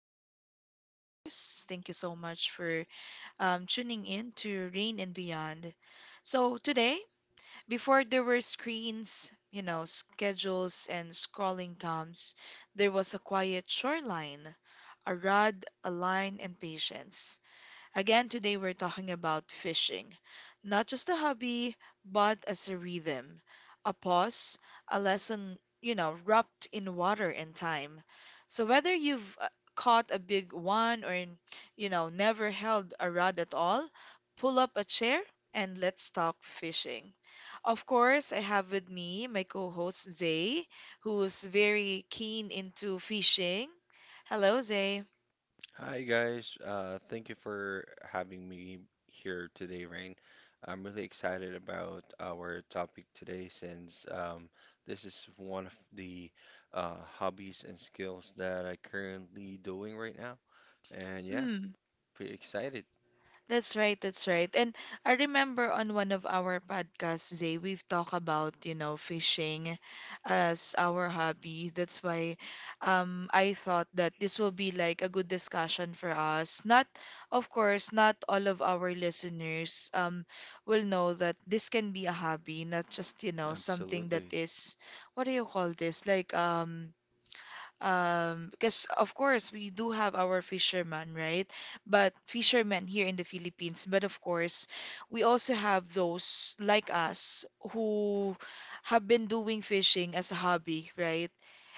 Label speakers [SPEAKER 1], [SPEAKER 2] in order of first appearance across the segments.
[SPEAKER 1] our dear listeners. Thank you so much for tuning in to Rain and Beyond. So, today, before there were screens, schedules, and scrolling toms, there was a quiet shoreline, a rod, a line, and patience. Again, today we're talking about fishing, not just a hobby, but as a rhythm, a pause, a lesson, wrapped in water and time. So whether you've caught a big one or, never held a rod at all, pull up a chair and let's talk fishing. Of course, I have with me my co-host Zay, who's very keen into fishing. Hello, Zay.
[SPEAKER 2] Hi guys, thank you for having me here today, Rain. I'm really excited about our topic today since this is one of the hobbies and skills that I currently doing right now. And yeah, pretty excited.
[SPEAKER 1] That's right, that's right. And I remember on one of our podcasts, Zay, we've talked about, you know, fishing as our hobby. That's why I thought that this will be like a good discussion for us. Not, of course, not all of our listeners will know that this can be a hobby, not just, you know, something that
[SPEAKER 2] Absolutely.
[SPEAKER 1] is, what do you call this? Like, because of course we do have our fishermen, right? But fishermen here in the Philippines, but of course we also have those like us who have been doing fishing as a hobby, right?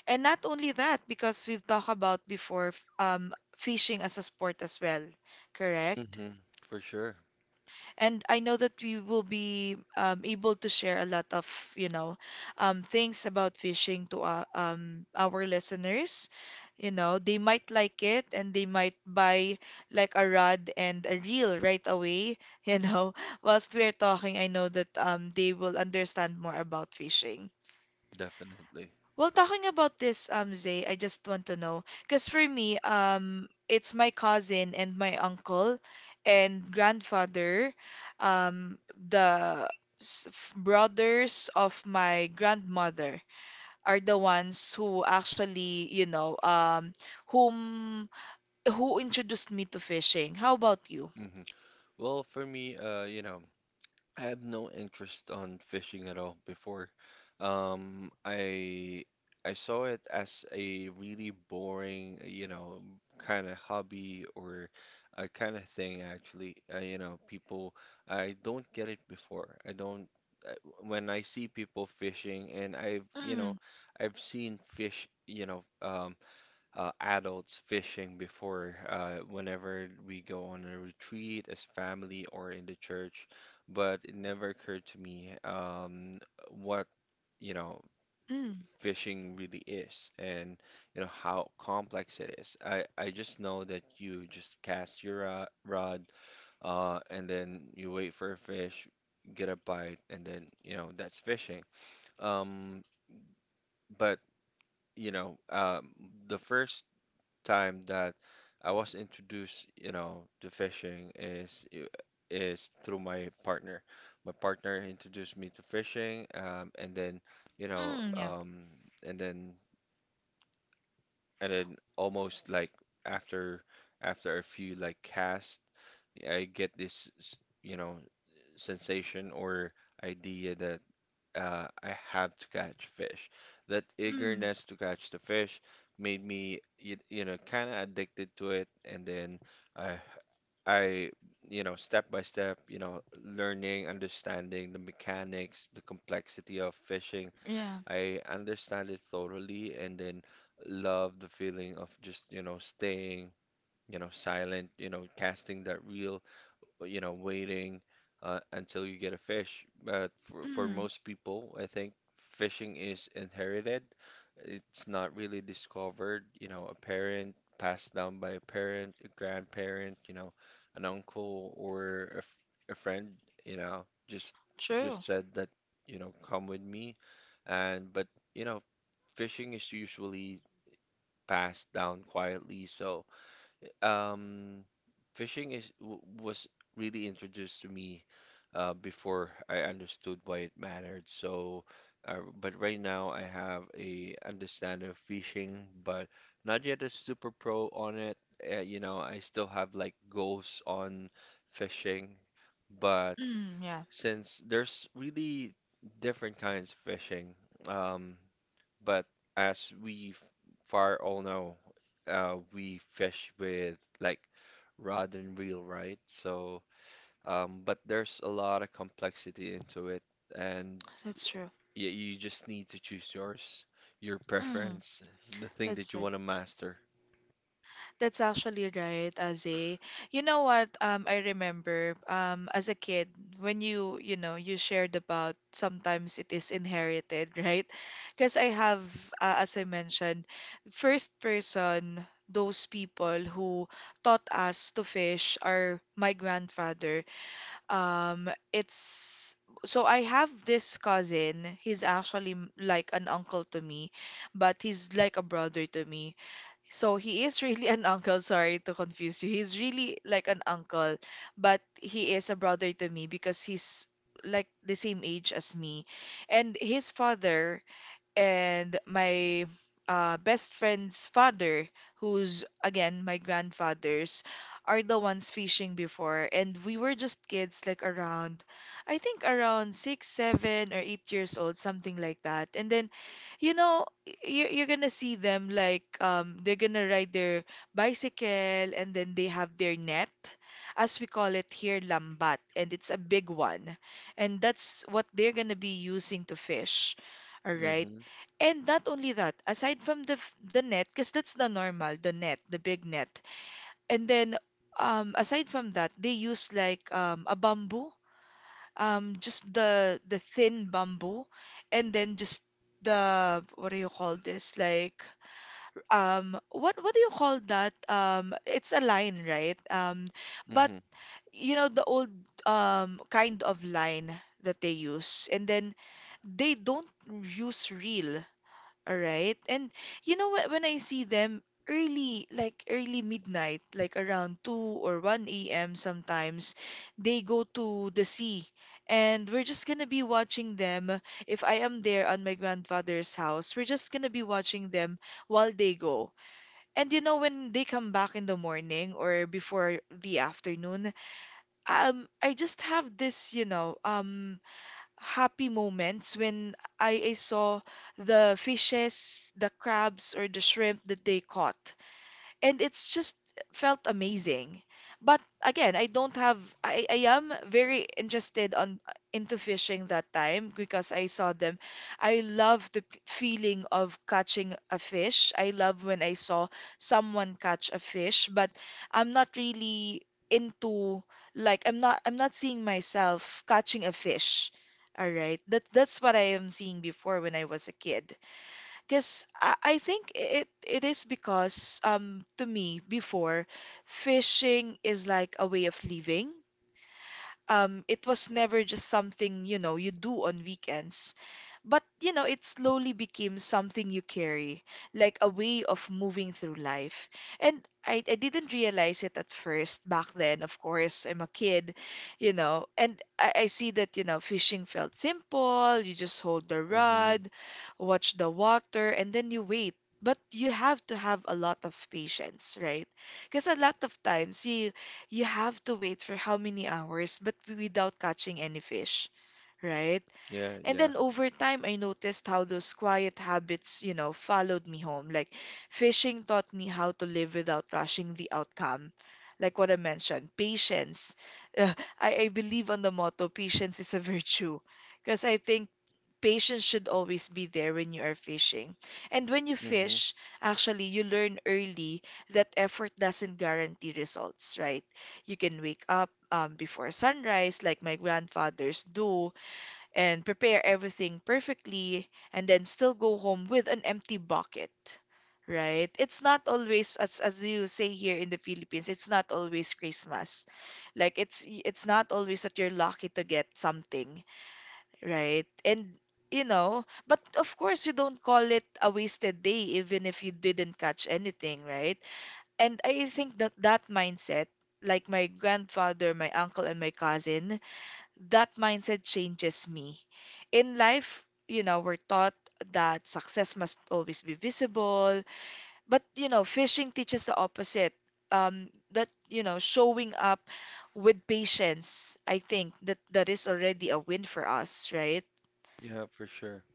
[SPEAKER 1] And not only that, because we've talked about before fishing as a sport as well, correct?
[SPEAKER 2] Hmm. For sure.
[SPEAKER 1] And I know that we will be able to share a lot of, you know, things about fishing to our listeners. You know, they might like it and they might buy like a rod and a reel right away. You know, whilst we're talking, I know that they will understand more about fishing.
[SPEAKER 2] Definitely.
[SPEAKER 1] Well, talking about this, Zay, I just want to know, because for me, it's my cousin and my uncle and grandfather, um, the brothers of my grandmother are the ones who actually, whom who introduced me to fishing. How about you?
[SPEAKER 2] Hmm. Well, for me, you know, I have no interest on fishing at all before. Um, I I saw it as a really boring, you know, kind of hobby or a kind of thing actually. You know, people I don't get it before. I don't uh, when I see people fishing and I've, you know,
[SPEAKER 1] Mm,
[SPEAKER 2] I've seen fish, you know, adults fishing before whenever we go on a retreat as family or in the church, but it never occurred to me what, you know,
[SPEAKER 1] mm,
[SPEAKER 2] fishing really is and you know how complex it is. I just know that you just cast your rod and then you wait for a fish, get a bite, and then you know that's fishing. Um, but you know, the first time that I was introduced, you know, to fishing is is through my partner. My partner introduced me to fishing, and then, you know,
[SPEAKER 1] mm, yeah,
[SPEAKER 2] and then and then almost like after after a few like casts, I get this, you know, sensation or idea that I have to catch fish. That
[SPEAKER 1] mm,
[SPEAKER 2] eagerness to catch the fish made me, you know, kind of addicted to it. And then I, I, you know, step by step, you know, learning, understanding the mechanics, the complexity of fishing.
[SPEAKER 1] yeah,
[SPEAKER 2] I understand it thoroughly, and then love the feeling of just, you know, staying. You know, silent, you know, casting that reel, you know, waiting until you get a fish. But for
[SPEAKER 1] mm,
[SPEAKER 2] most people, I think fishing is inherited. It's not really discovered, you know, a parent passed down by a parent, a grandparent, you know, an uncle or a friend, you know, just
[SPEAKER 1] true.
[SPEAKER 2] just said that, you know, come with me. And but, you know, fishing is usually passed down quietly. So, um, fishing is w was really introduced to me before I understood why it mattered. So, but right now I have a understanding of fishing, but not yet a super pro on it. You know, I still have like goals on fishing, but
[SPEAKER 1] Mm, yeah,
[SPEAKER 2] since there's really different kinds of fishing, um, but as we far all know, we fish with like rod and reel, right? So, but there's a lot of complexity into it, and
[SPEAKER 1] that's true.
[SPEAKER 2] y you just need to choose yours, your
[SPEAKER 1] Mm,
[SPEAKER 2] preference, the thing
[SPEAKER 1] that's
[SPEAKER 2] that you
[SPEAKER 1] right.
[SPEAKER 2] want to master.
[SPEAKER 1] That's actually right, Aze. You know what? I remember as a kid when you shared about sometimes it is inherited, right? Because I have, as I mentioned, first person those people who taught us to fish are my grandfather. It's so I have this cousin. He's actually like an uncle to me, but he's like a brother to me so he is really an uncle, sorry to confuse you. He's really like an uncle, but he is a brother to me because he's like the same age as me. And his father and my best friend's father, who's again my grandfather's, are the ones fishing before. And we were just kids, like around, I think around 6, 7, or 8 years old, something like that. And then, you know, you're gonna see them like they're gonna ride their bicycle and then they have their net, as we call it here, lambat. And it's a big one. And that's what they're gonna be using to fish. All right.
[SPEAKER 2] Mm-hmm.
[SPEAKER 1] And not only that, aside from the net, because that's the normal, the net, the big net. And then aside from that, they use like a bamboo, just the thin bamboo, and then just the what do you call this? Like what do you call that? It's a line, right? But
[SPEAKER 2] Mm-hmm.
[SPEAKER 1] you know the old kind of line that they use, and then they don't use reel, all right. And you know what, when I see them early, like early midnight, like around 2 or 1 a.m. sometimes, they go to the sea. And we're just gonna be watching them. If I am there on my grandfather's house, we're just gonna be watching them while they go. And you know, when they come back in the morning or before the afternoon, I just have this, happy moments when I saw the fishes, the crabs, or the shrimp that they caught and it's just felt amazing. But again, I don't have I am very interested on into fishing that time because I saw them. I love the feeling of catching a fish. I love when I saw someone catch a fish, but I'm not really into like I'm not seeing myself catching a fish. All right. That's what I am seeing before when I was a kid. Because I think it is because to me before fishing is like a way of living, it was never just something, you know, you do on weekends. But, you know, it slowly became something you carry, like a way of moving through life. And I didn't realize it at first back then, of course. I'm a kid, you know, and I see that, you know, fishing felt simple. You just hold the
[SPEAKER 2] Mm-hmm.
[SPEAKER 1] rod, watch the water, and then you wait. But you have to have a lot of patience, right? Because a lot of times you have to wait for how many hours, but without catching any fish, right?
[SPEAKER 2] Yeah,
[SPEAKER 1] And
[SPEAKER 2] yeah.
[SPEAKER 1] then over time, I noticed how those quiet habits, followed me home. Like fishing taught me how to live without rushing the outcome. Like what I mentioned, patience. Uh, I believe on the motto, patience is a virtue. Because I think patience should always be there when you are fishing. And when you
[SPEAKER 2] Mm-hmm.
[SPEAKER 1] fish, actually, you learn early that effort doesn't guarantee results, right? You can wake up before sunrise, like my grandfathers do, and prepare everything perfectly, and then still go home with an empty bucket. Right? It's not always as you say here in the Philippines, it's not always Christmas. Like it's not always that you're lucky to get something. Right. And you know, but of course you don't call it a wasted day even if you didn't catch anything, right? And I think that that mindset, like my grandfather, my uncle, and my cousin, that mindset changes me. In life, you know, we're taught that success must always be visible, but you know, fishing teaches the opposite. That, showing up with patience, I think that that is already a win for us, right?
[SPEAKER 2] Yeah, for sure.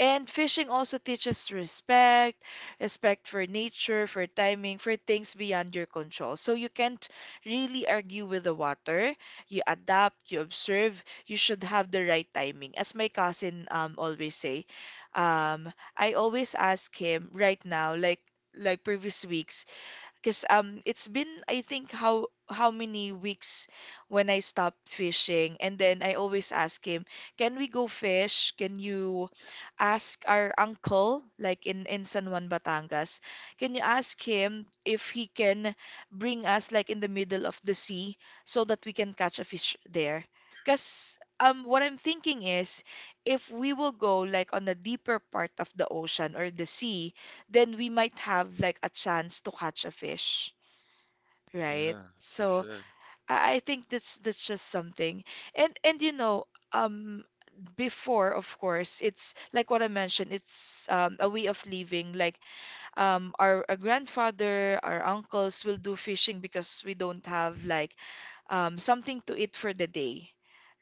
[SPEAKER 1] And fishing also teaches respect, respect for nature, for timing, for things beyond your control. So you can't really argue with the water. You adapt, you observe, you should have the right timing. As my cousin always say, I always ask him right now, like previous weeks, because it's been I think how many weeks when I stopped fishing, and then I always ask him, "Can we go fish? Can you ask our uncle, like in San Juan, Batangas, can you ask him if he can bring us like in the middle of the sea so that we can catch a fish there?" Because what I'm thinking is, if we will go like on a deeper part of the ocean or the sea then we might have like a chance to catch a fish, right?
[SPEAKER 2] Yeah, for
[SPEAKER 1] So
[SPEAKER 2] sure.
[SPEAKER 1] I think that's just something. And you know, um before of course it's like what I mentioned, it's a way of living. Like our grandfather, our uncles will do fishing because we don't have like something to eat for the day,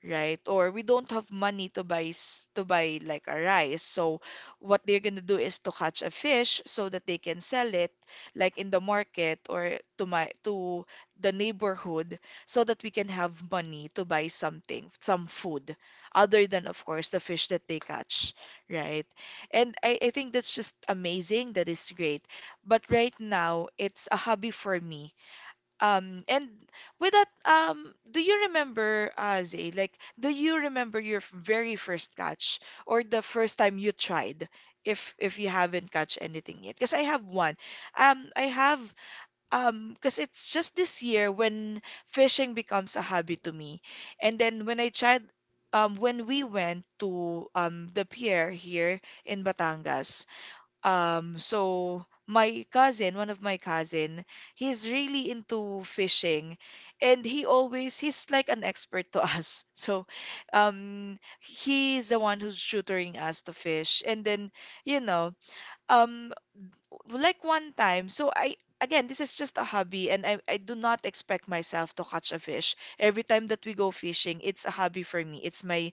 [SPEAKER 1] right? Or we don't have money to buy to buy like a rice. So what they're gonna do is to catch a fish so that they can sell it like in the market or to the neighborhood so that we can have money to buy something, some food, other than of course the fish that they catch, right? And I think that's just amazing. That is great. But right now it's a hobby for me, and with that, do you remember, Zay, like, do you remember your very first catch or the first time you tried if you haven't catch anything yet? Because I have one. Um, I have, because it's just this year when fishing becomes a hobby to me. And then when I tried, when we went to the pier here in Batangas, so my cousin, one of my cousin, he's really into fishing and he's like an expert to us. So he's the one who's tutoring us to fish. And then, you know, um like one time, so I again, this is just a hobby and I do not expect myself to catch a fish. Every time that we go fishing, it's a hobby for me. It's my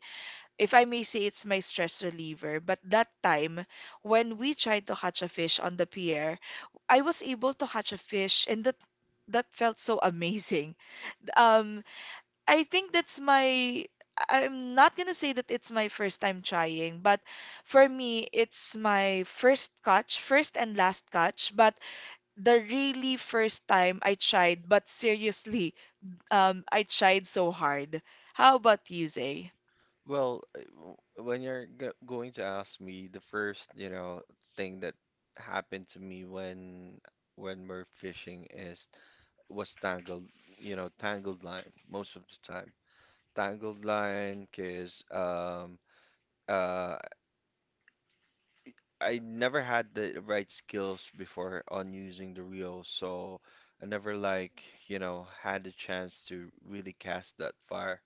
[SPEAKER 1] if I may say it's my stress reliever. But that time, when we tried to catch a fish on the pier, I was able to catch a fish, and that felt so amazing. Um, I think that's my. I'm not gonna say that it's my first time trying, but for me, it's my first catch, first and last catch. But the really first time I tried, but seriously, I tried so hard. How about you, Zay?
[SPEAKER 2] Well, when you're go going to ask me, the first, you know, thing that happened to me when we're fishing is was tangled, you know, tangled line most of the time. Tangled line, 'cause uh I never had the right skills before on using the reel, so I never like, you know, had the chance to really cast that far.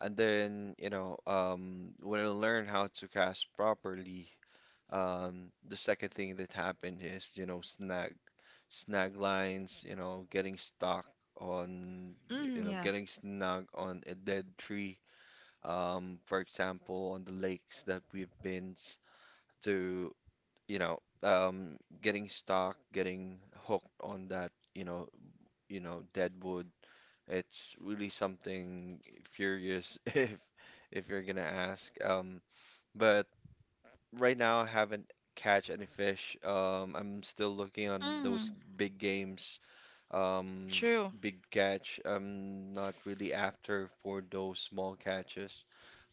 [SPEAKER 2] And then, you know, when I learned how to cast properly, the second thing that happened is, you know, snag lines, you know, getting stuck on, you
[SPEAKER 1] Mm,
[SPEAKER 2] know,
[SPEAKER 1] yeah.
[SPEAKER 2] getting snag on a dead tree. For example, on the lakes that we've been to, you know, getting stuck, getting hooked on that, you know, dead wood. It's really something furious if you're gonna ask. But right now, I haven't catch any fish. I'm still looking on those
[SPEAKER 1] Mm.
[SPEAKER 2] big games. Um,
[SPEAKER 1] True.
[SPEAKER 2] Big catch. I'm not really after for those small catches,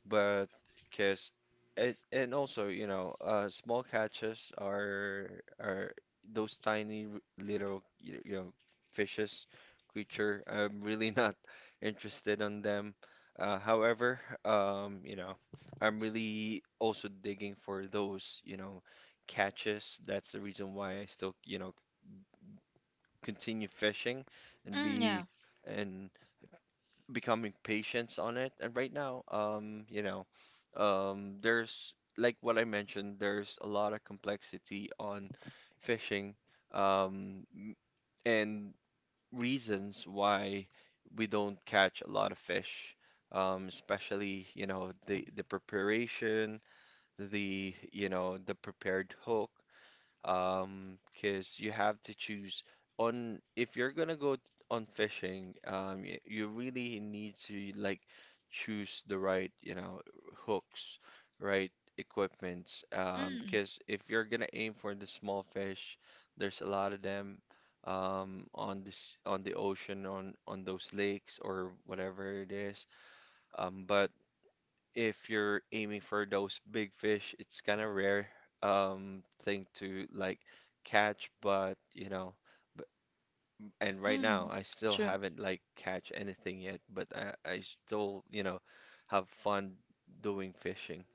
[SPEAKER 2] but because it and also you know small catches are those tiny little you you know fishes creature I'm really not interested on them, however, you know I'm really also digging for those you know catches. That's the reason why I still you know continue fishing and
[SPEAKER 1] Mm, yeah.
[SPEAKER 2] be and becoming patient on it. And right now, you know, there's like what I mentioned, there's a lot of complexity on fishing, um, m- and reasons why we don't catch a lot of fish. Especially, you know, the preparation, the, you know, the prepared hook, because you have to choose on if you're gonna on fishing, you really need to like choose the right, you know, hooks, right equipments,
[SPEAKER 1] Mm,
[SPEAKER 2] because if you're gonna aim for the small fish, there's a lot of them. On this on the ocean on those lakes or whatever it is, but if you're aiming for those big fish, it's kind of rare thing to like catch, but you know, but, and right now
[SPEAKER 1] mm.
[SPEAKER 2] I still
[SPEAKER 1] True.
[SPEAKER 2] haven't like catch anything yet, but I still, you know, have fun doing fishing.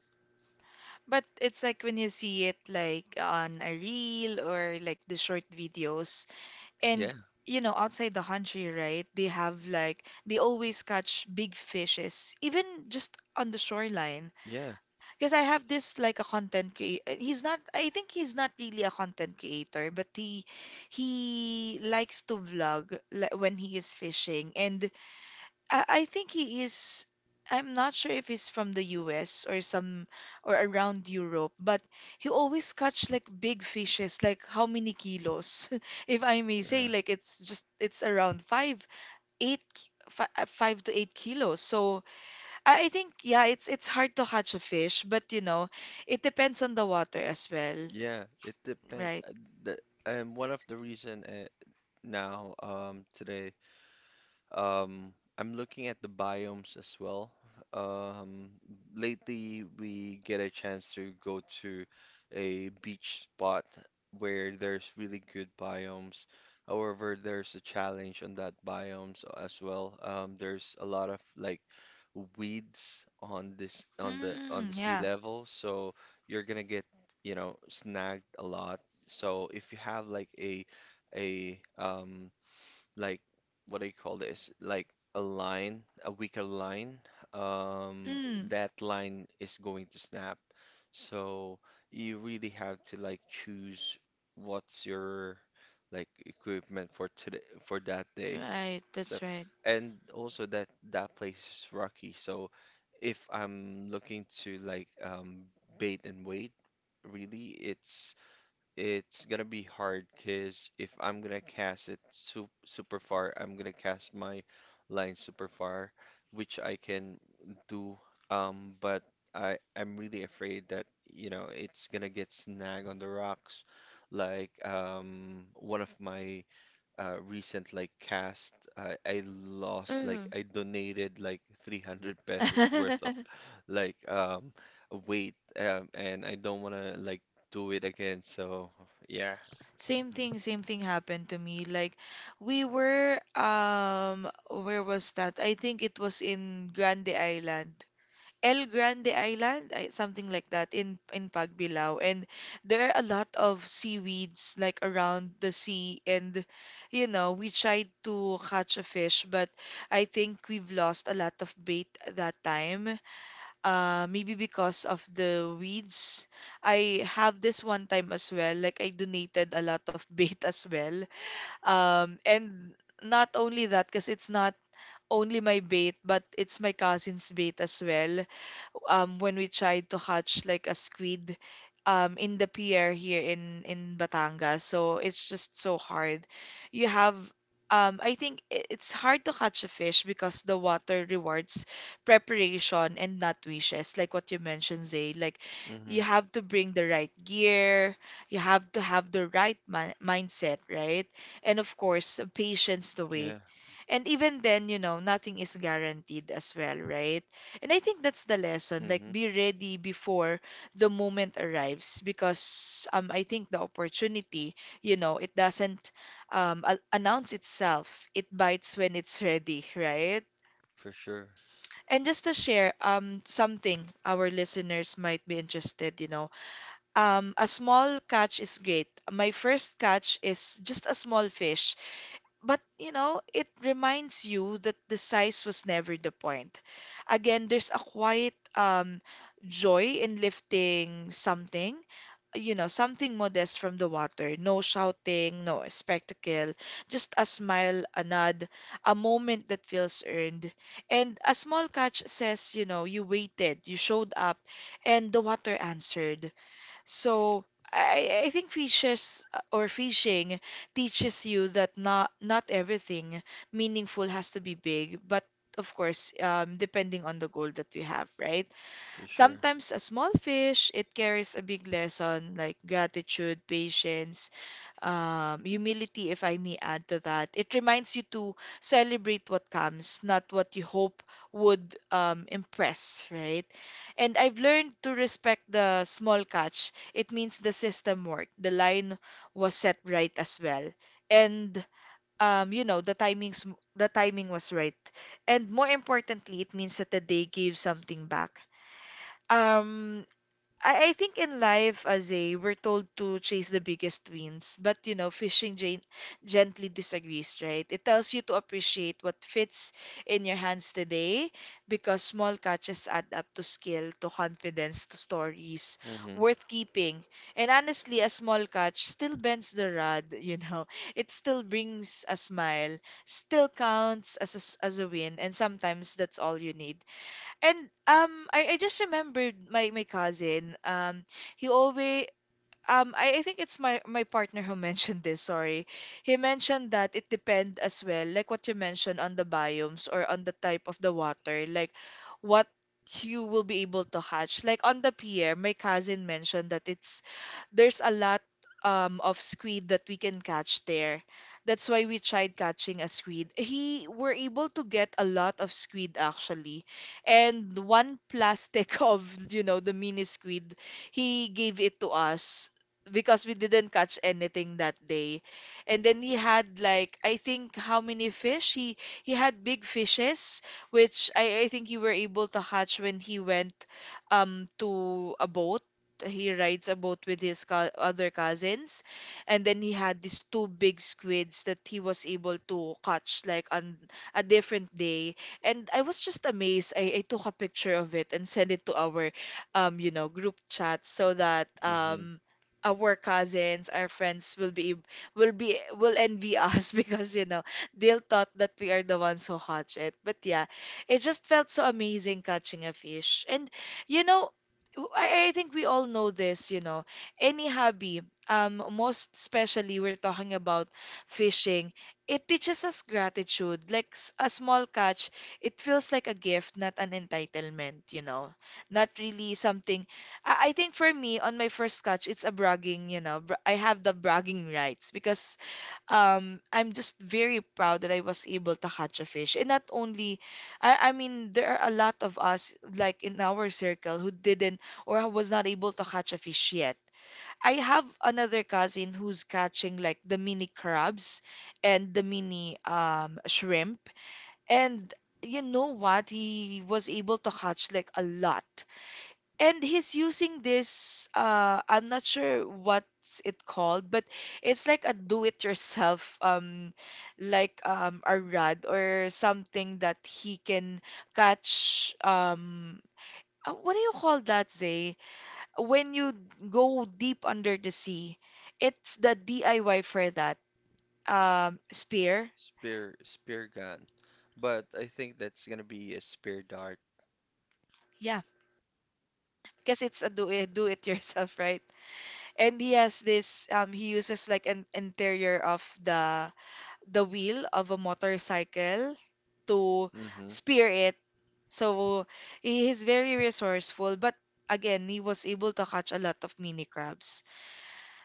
[SPEAKER 1] But it's like when you see it like on a reel or like the short videos and
[SPEAKER 2] Yeah,
[SPEAKER 1] you know outside the country, right? They have like they always catch big fishes even just on the shoreline.
[SPEAKER 2] yeah,
[SPEAKER 1] Because I have this like a content creator. He's not I think he's not really a content creator, but he likes to vlog like, when he is fishing and I think he is. I'm not sure if he's from the US or some or around Europe, but he always catch like big fishes, like how many kilos, if I may say,
[SPEAKER 2] yeah,
[SPEAKER 1] like it's just it's around five, eight, 5 to 8 kilos. So I think yeah, it's hard to catch a fish, but you know, it depends on the water as well,
[SPEAKER 2] yeah. It depends.
[SPEAKER 1] right?
[SPEAKER 2] The, and one of the reason now today, I'm looking at the biomes as well. Um, Lately, we get a chance to go to a beach spot where there's really good biomes. However, there's a challenge on that biomes as well. There's a lot of like weeds on this on
[SPEAKER 1] Mm,
[SPEAKER 2] the sea
[SPEAKER 1] yeah.
[SPEAKER 2] level, so you're gonna get, you know, snagged a lot. So if you have like a like what do you call this? Like a line, a weaker line, um,
[SPEAKER 1] Mm,
[SPEAKER 2] that line is going to snap. So you really have to like choose what's your like equipment for today for that day.
[SPEAKER 1] right.
[SPEAKER 2] So
[SPEAKER 1] That's right.
[SPEAKER 2] and also that that place is rocky. So if I'm looking to like bait and wait, really it's gonna be hard because if I'm gonna cast it sup super far, I'm gonna cast my line super far, which I can do. But I'm really afraid that you know it's gonna get snagged on the rocks, like one of my recent like cast, I lost like
[SPEAKER 1] Mm.
[SPEAKER 2] I donated like 300 pesos worth of like weight, and I don't want to like do it again. So yeah.
[SPEAKER 1] Same thing happened to me. Like we were where was that? I think it was in Grande Island. El Grande Island, something like that in Pagbilao. And there are a lot of seaweeds like around the sea and you know, we tried to catch a fish, but I think we've lost a lot of bait that time maybe because of the weeds. I have this one time as well, like I donated a lot of bait as well. Um and not only that, because it's not only my bait, but it's my cousin's bait as well, when we tried to hatch like a squid in the pier here in Batangas. So it's just so hard. You have I think it's hard to catch a fish because the water rewards preparation and not wishes, like what you mentioned, Zay. Like you
[SPEAKER 2] Mm-hmm.
[SPEAKER 1] have to bring the right gear, you have to have the right mindset, right? And of course, patience to wait.
[SPEAKER 2] Yeah.
[SPEAKER 1] And even then, you know, nothing is guaranteed as well, right? And I think that's the lesson. Like,
[SPEAKER 2] Mm-hmm.
[SPEAKER 1] be ready before the moment arrives because I think the opportunity, you know, it doesn't announce itself. It bites when it's ready, right?
[SPEAKER 2] For sure.
[SPEAKER 1] And just to share something our listeners might be interested, you know, a small catch is great. My first catch is just a small fish, but you know, it reminds you that the size was never the point. Again, there's a quiet joy in lifting something, you know, something modest from the water. No shouting, no spectacle, just a smile, a nod, a moment that feels earned. And a small catch says, you know, you waited, you showed up, and the water answered. So I think fishes or fishing teaches you that not everything meaningful has to be big, but of course, depending on the goal that we have, right?
[SPEAKER 2] For sure.
[SPEAKER 1] Sometimes a small fish, it carries a big lesson like gratitude, patience, humility, if I may add to that. It reminds you to celebrate what comes, not what you hope would impress, right? And I've learned to respect the small catch. It means the system worked, the line was set right as well. And you know, the timings, the timing was right. And more importantly, it means that the day gave something back. Um, I think in life, as a we're told to chase the biggest wins, but you know, fishing gently disagrees, right? It tells you to appreciate what fits in your hands today because small catches add up to skill, to confidence, to stories
[SPEAKER 2] Mm-hmm.
[SPEAKER 1] worth keeping. And honestly, a small catch still bends the rod, you know, it still brings a smile, still counts as a, as a win, and sometimes that's all you need. And I just remembered my my cousin. He always I think it's my my partner who mentioned this, sorry. He mentioned that it depend as well, like what you mentioned on the biomes or on the type of the water, like what you will be able to hatch. Like on the pier, my cousin mentioned that it's there's a lot of squid that we can catch there. That's why we tried catching a squid. He were able to get a lot of squid actually. And one plastic of, you know, the mini squid, he gave it to us because we didn't catch anything that day. And then he had like I think how many fish? He had big fishes, which I think you were able to catch when he went to a boat. He rides a boat with his co other cousins, and then he had these two big squids that he was able to catch like on a different day. And I was just amazed. I took a picture of it and sent it to our you know group chat so that
[SPEAKER 2] Mm-hmm.
[SPEAKER 1] our cousins, our friends will be will envy us because you know they'll thought that we are the ones who catch it. But yeah, it just felt so amazing catching a fish. And you know, I think we all know this, you know, any hobby, most especially we're talking about fishing. It teaches us gratitude. Like a small catch, it feels like a gift, not an entitlement, you know. Not really something. I think for me on my first catch, it's a bragging, you know. I have the bragging rights because I'm just very proud that I was able to catch a fish. And not only, I mean, there are a lot of us like in our circle who didn't or who was not able to catch a fish yet. I have another cousin who's catching like the mini crabs and the mini shrimp. And you know what? He was able to catch like a lot. And he's using this, I'm not sure what's it called, but it's like a do-it-yourself, like a rod or something that he can catch. What do you call that, Zay? When you go deep under the sea, it's the DIY for that. Spear,
[SPEAKER 2] Spear spear gun. But I think that's gonna be a spear dart.
[SPEAKER 1] yeah, because it's a do it yourself, right? And he has this. He uses like an interior of the wheel of a motorcycle to
[SPEAKER 2] Mm-hmm.
[SPEAKER 1] spear it. So he is very resourceful, but again, he was able to catch a lot of mini crabs.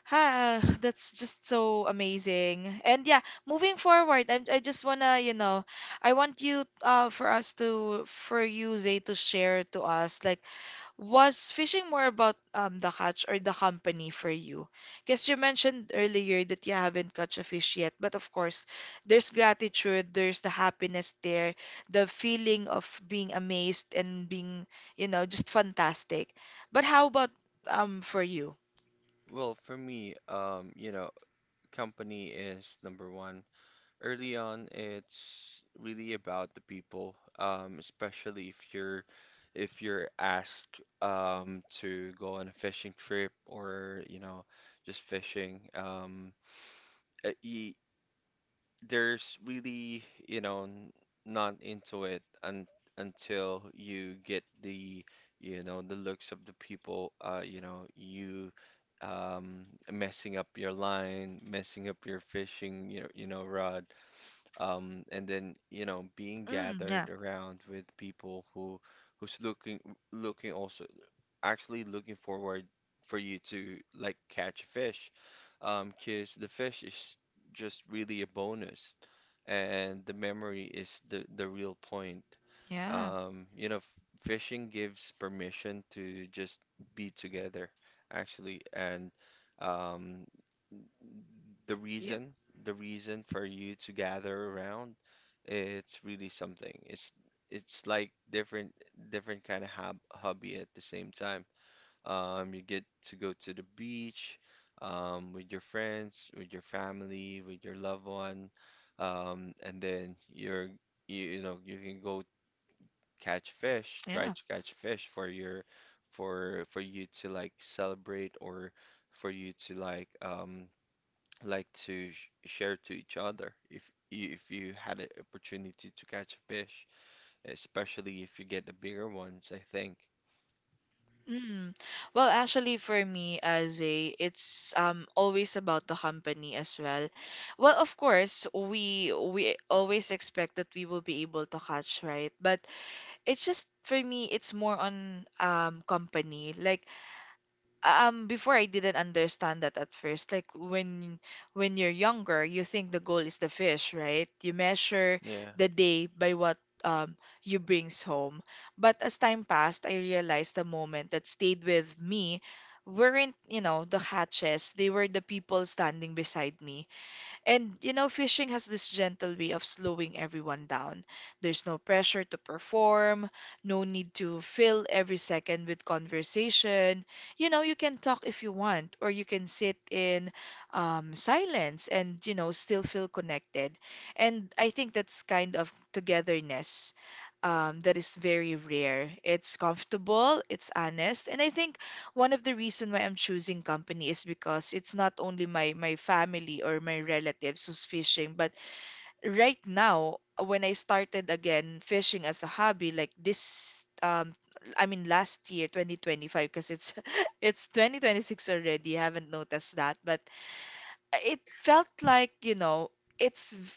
[SPEAKER 1] Ha, that's just so amazing. And yeah, moving forward, I just wanna, you know, I want you, for us to, for you, Zay, to share to us, like, was fishing more about the catch or the company for you? Because you mentioned earlier that you haven't caught a fish yet, but of course, there's gratitude, there's the happiness there, the feeling of being amazed and being, you know, just fantastic. But how about for you?
[SPEAKER 2] Well, for me, you know, company is number one. Early on, it's really about the people, especially if you're asked to go on a fishing trip or you know just fishing. Y there's really you know not into it un until you get the you know the looks of the people. You know you um, messing up your line, messing up your fishing, you know rod, and then you know being
[SPEAKER 1] Mm, yeah,
[SPEAKER 2] gathered around with people who who's looking looking also actually looking forward for you to like catch fish, 'cause the fish is just really a bonus and the memory is the real point,
[SPEAKER 1] yeah,
[SPEAKER 2] you know fishing gives permission to just be together actually and, um, the
[SPEAKER 1] yep,
[SPEAKER 2] reason, the reason for you to gather around, it's really something. It's like different kind of hobby at the same time. You get to go to the beach, with your friends, with your family, with your loved one, and then you're you know you can go catch fish, try
[SPEAKER 1] yeah.
[SPEAKER 2] to catch fish for your for you to like celebrate or for you to like to sh share to each other if if you had an opportunity to catch a fish, especially if you get the bigger ones, I think.
[SPEAKER 1] Mm. Well, actually, for me, as a, it's always about the company as well. Well, of course, we always expect that we will be able to catch, right? But it's just for me, it's more on company. Like before I didn't understand that at first. Like when you're younger, you think the goal is the fish, right? You measure
[SPEAKER 2] Yeah.
[SPEAKER 1] the day by what um you brings home. But as time passed, I realized the moment that stayed with me weren't, you know, the hatches. They were the people standing beside me. And you know, fishing has this gentle way of slowing everyone down. There's no pressure to perform, no need to fill every second with conversation. You know, you can talk if you want, or you can sit in silence and, you know, still feel connected. And I think that's kind of togetherness that is very rare. It's comfortable, it's honest, and I think one of the reason why I'm choosing company is because it's not only my my family or my relatives who's fishing, but right now when I started again fishing as a hobby, like this I mean last year 2025 because it's it's 2026 already. I haven't noticed that, but it felt like, you know, it's v-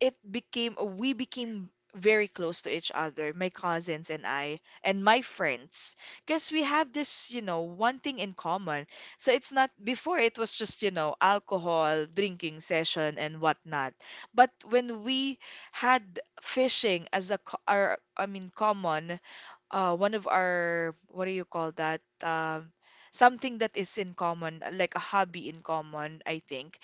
[SPEAKER 1] it became we became very close to each other, my cousins and I and my friends, because we have this, you know, one thing in common. So it's not, before it was just, you know, alcohol, drinking session and whatnot. But when we had fishing as our common, one of our, what do you call that? Something that is in common, like a hobby in common, I think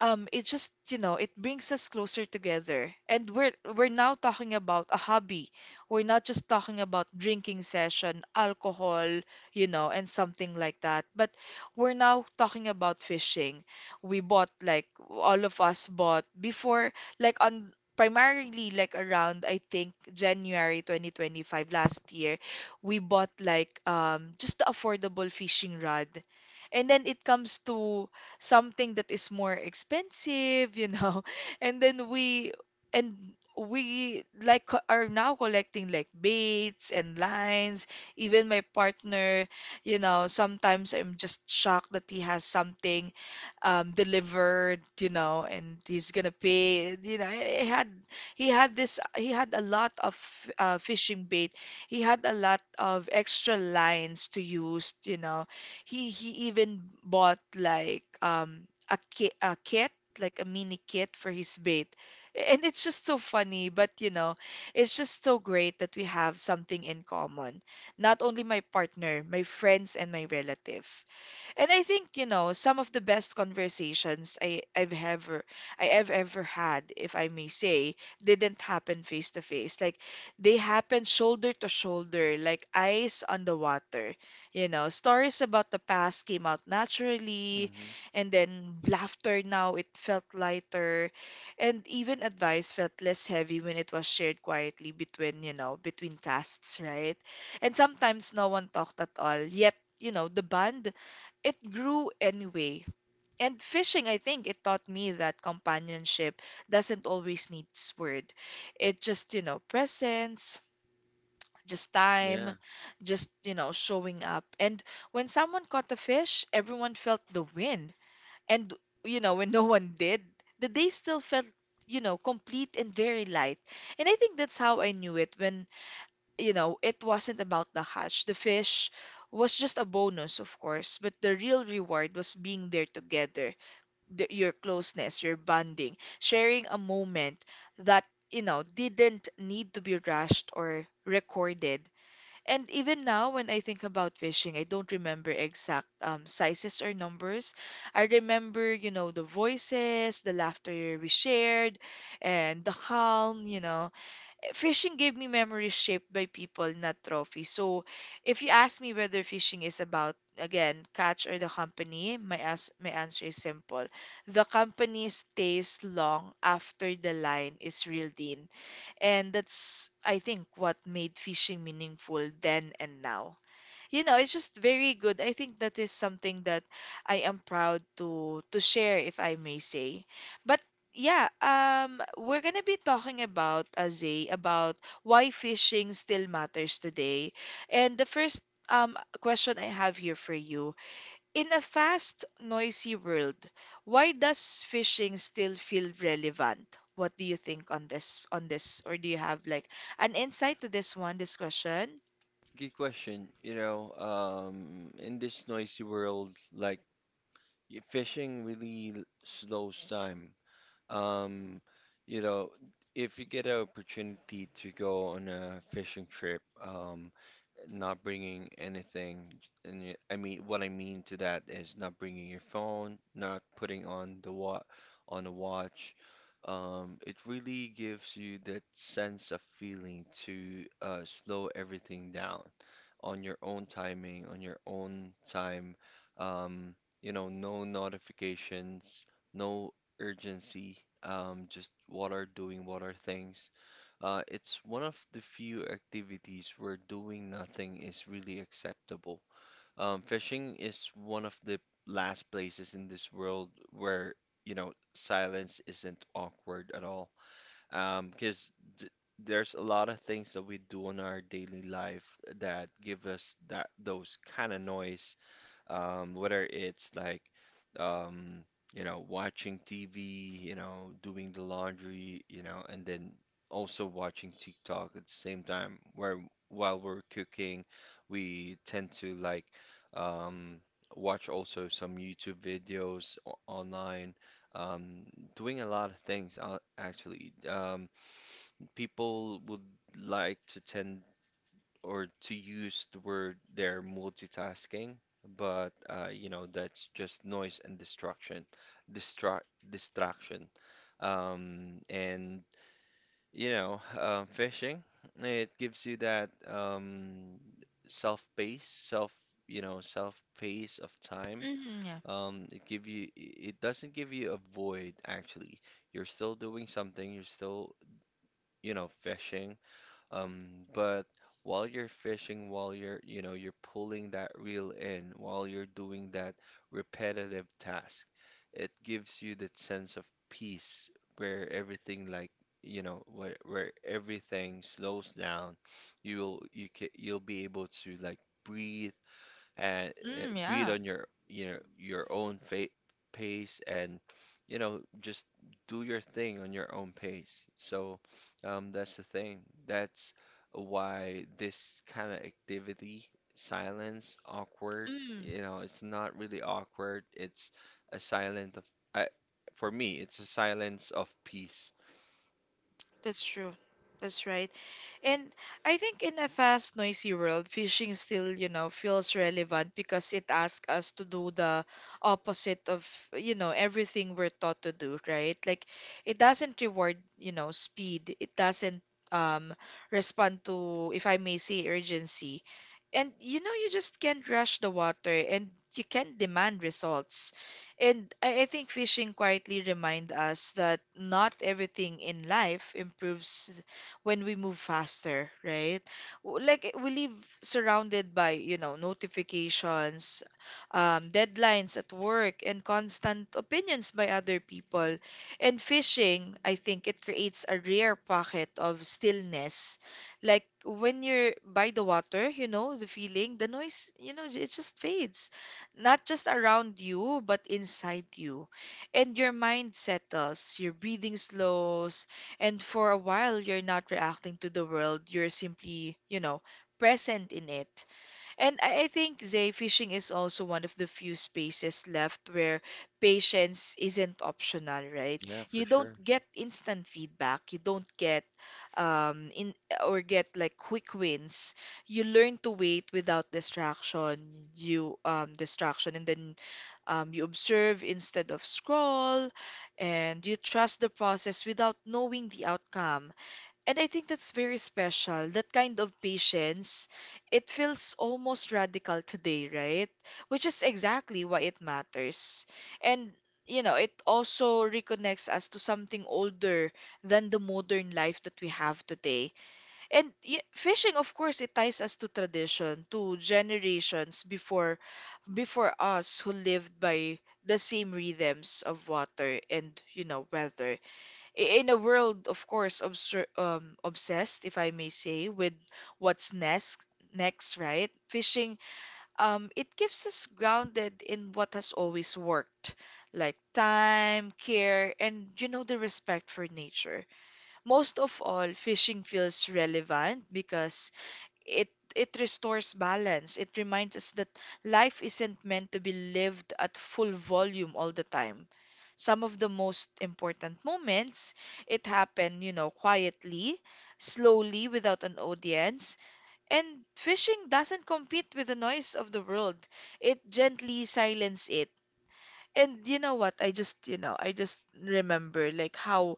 [SPEAKER 1] it just, you know, it brings us closer together, and we're now talking about a hobby. We're not just talking about drinking session alcohol, you know, and something like that, but we're now talking about fishing. We bought, like, all of us bought before, like, on primarily, like, around I think January 2025 last year. We bought like just the affordable fishing rod, and then it comes to something that is more expensive, you know. And then and we, like, are now collecting, like, baits and lines. Even my partner, you know, sometimes I'm just shocked that he has something delivered, you know, and he's gonna pay, you know, he had a lot of fishing bait. He had a lot of extra lines to use, you know, he even bought like a kit, like a mini kit for his bait. And it's just so funny, but you know, it's just so great that we have something in common. Not only my partner, my friends and my relative. And I think, you know, some of the best conversations I have ever had, if I may say, didn't happen face to face. Like, they happened shoulder to shoulder, like eyes on the water. You know, stories about the past came out naturally,
[SPEAKER 2] Mm-hmm.
[SPEAKER 1] and then laughter now it felt lighter, and even advice felt less heavy when it was shared quietly between, you know, between casts, right? And sometimes no one talked at all, yet, you know, the bond, it grew anyway. And fishing, I think it taught me that companionship doesn't always need word. It just, you know, presence, just time,
[SPEAKER 2] Yeah.
[SPEAKER 1] just, you know, showing up. And when someone caught a fish, everyone felt the win. And, you know, when no one did, the day still felt, you know, complete and very light. And I think that's how I knew it, when, you know, it wasn't about the catch. The fish was just a bonus, of course, but the real reward was being there together, the, your closeness, your bonding, sharing a moment that, you know, didn't need to be rushed or recorded. And even now, when I think about fishing, I don't remember exact sizes or numbers. I remember, you know, the voices, the laughter we shared, and the calm, you know, fishing gave me memories shaped by people, not trophies. So, if you ask me whether fishing is about, again, catch or the company, my, my answer is simple. The company stays long after the line is reeled in. And that's, I think, what made fishing meaningful then and now. You know, it's just very good. I think that is something that I am proud to share, if I may say. But yeah, we're gonna be talking about Azay, about why fishing still matters today. And the first question I have here for you: in a fast, noisy world, why does fishing still feel relevant? What do you think on this, or do you have like an insight to this one, this question?
[SPEAKER 2] Good question. You know, in this noisy world, like fishing really slows time. Um, you know, if you get an opportunity to go on a fishing trip, not bringing anything. And I mean, what I mean to that is not bringing your phone, not putting on the wa on a watch. It really gives you that sense of feeling to slow everything down on your own timing, on your own time. Um, you know, no notifications, no urgency. Just what are doing, what are things. It's one of the few activities where doing nothing is really acceptable. Fishing is one of the last places in this world where, you know, silence isn't awkward at all. Because th there's a lot of things that we do in our daily life that give us that those kind of noise, whether it's like, um, you know watching TV, you know doing the laundry, you know, and then also watching TikTok at the same time. Where while we're cooking, we tend to like um, watch also some YouTube videos online. Um, Doing a lot of things actually. People would like to tend or to use the word they're multitasking, but you know, that's just noise and distraction, distract distraction. And you know, fishing, it gives you that self pace, you know, self pace of time.
[SPEAKER 1] Mm, yeah.
[SPEAKER 2] It doesn't give you a void actually. You're still doing something, you're still, you know, fishing um, but while you're fishing, while you're, you know, you're pulling that reel in, while you're doing that repetitive task, it gives you that sense of peace where everything like, you know, where everything slows down. You'll be able to like breathe and
[SPEAKER 1] Mm,
[SPEAKER 2] breathe
[SPEAKER 1] yeah.
[SPEAKER 2] on your own fa pace and you know just do your thing on your own pace. So that's the thing. That's why this kind of activity, silence, awkward,
[SPEAKER 1] Mm,
[SPEAKER 2] you know, it's not really awkward. It's a silent of I, for me, it's a silence of peace.
[SPEAKER 1] that's true. That's right. And I think in a fast, noisy world, fishing still, you know, feels relevant because it asks us to do the opposite of, you know, everything we're taught to do, right? Like, it doesn't reward, you know, speed. It doesn't um respond to, if I may say, urgency. And you know, you just can't rush the water and you can't demand results. And I think fishing quietly remind us that not everything in life improves when we move faster, right? Like, eh, we live surrounded by, you know, notifications, deadlines at work, and constant opinions by other people. And fishing, I think it creates a rare pocket of stillness. Like when you're by the water, you know, the feeling, the noise, you know, it just fades, not just around you, but inside you. And your mind settles, your breathing slows, and for a while you're not reacting to the world, you're simply, you know, present in it. And I think, Zay, fishing is also one of the few spaces left where patience isn't optional, right?
[SPEAKER 2] Yeah,
[SPEAKER 1] You
[SPEAKER 2] for
[SPEAKER 1] don't
[SPEAKER 2] sure.
[SPEAKER 1] get instant feedback. You don't get in or get like quick wins. You learn to wait without distraction. You um distraction and then you observe instead of scroll, and you trust the process without knowing the outcome. And I think that's very special. That kind of patience, it feels almost radical today, right? Which is exactly why it matters. And, you know, it also reconnects us to something older than the modern life that we have today. And y fishing, of course, it ties us to tradition, to generations before us who lived by the same rhythms of water and, you know, weather in a world, of course, obser obsessed, if I may say, with what's next, right? Fishing, it keeps us grounded in what has always worked, like time, care, and you know, the respect for nature. Most of all, fishing feels relevant because it it restores balance. It reminds us that life isn't meant to be lived at full volume all the time. Some of the most important moments, it happened, you know, quietly, slowly, without an audience. And fishing doesn't compete with the noise of the world. It gently silences it. And you know what? I just, you know, I just remember like how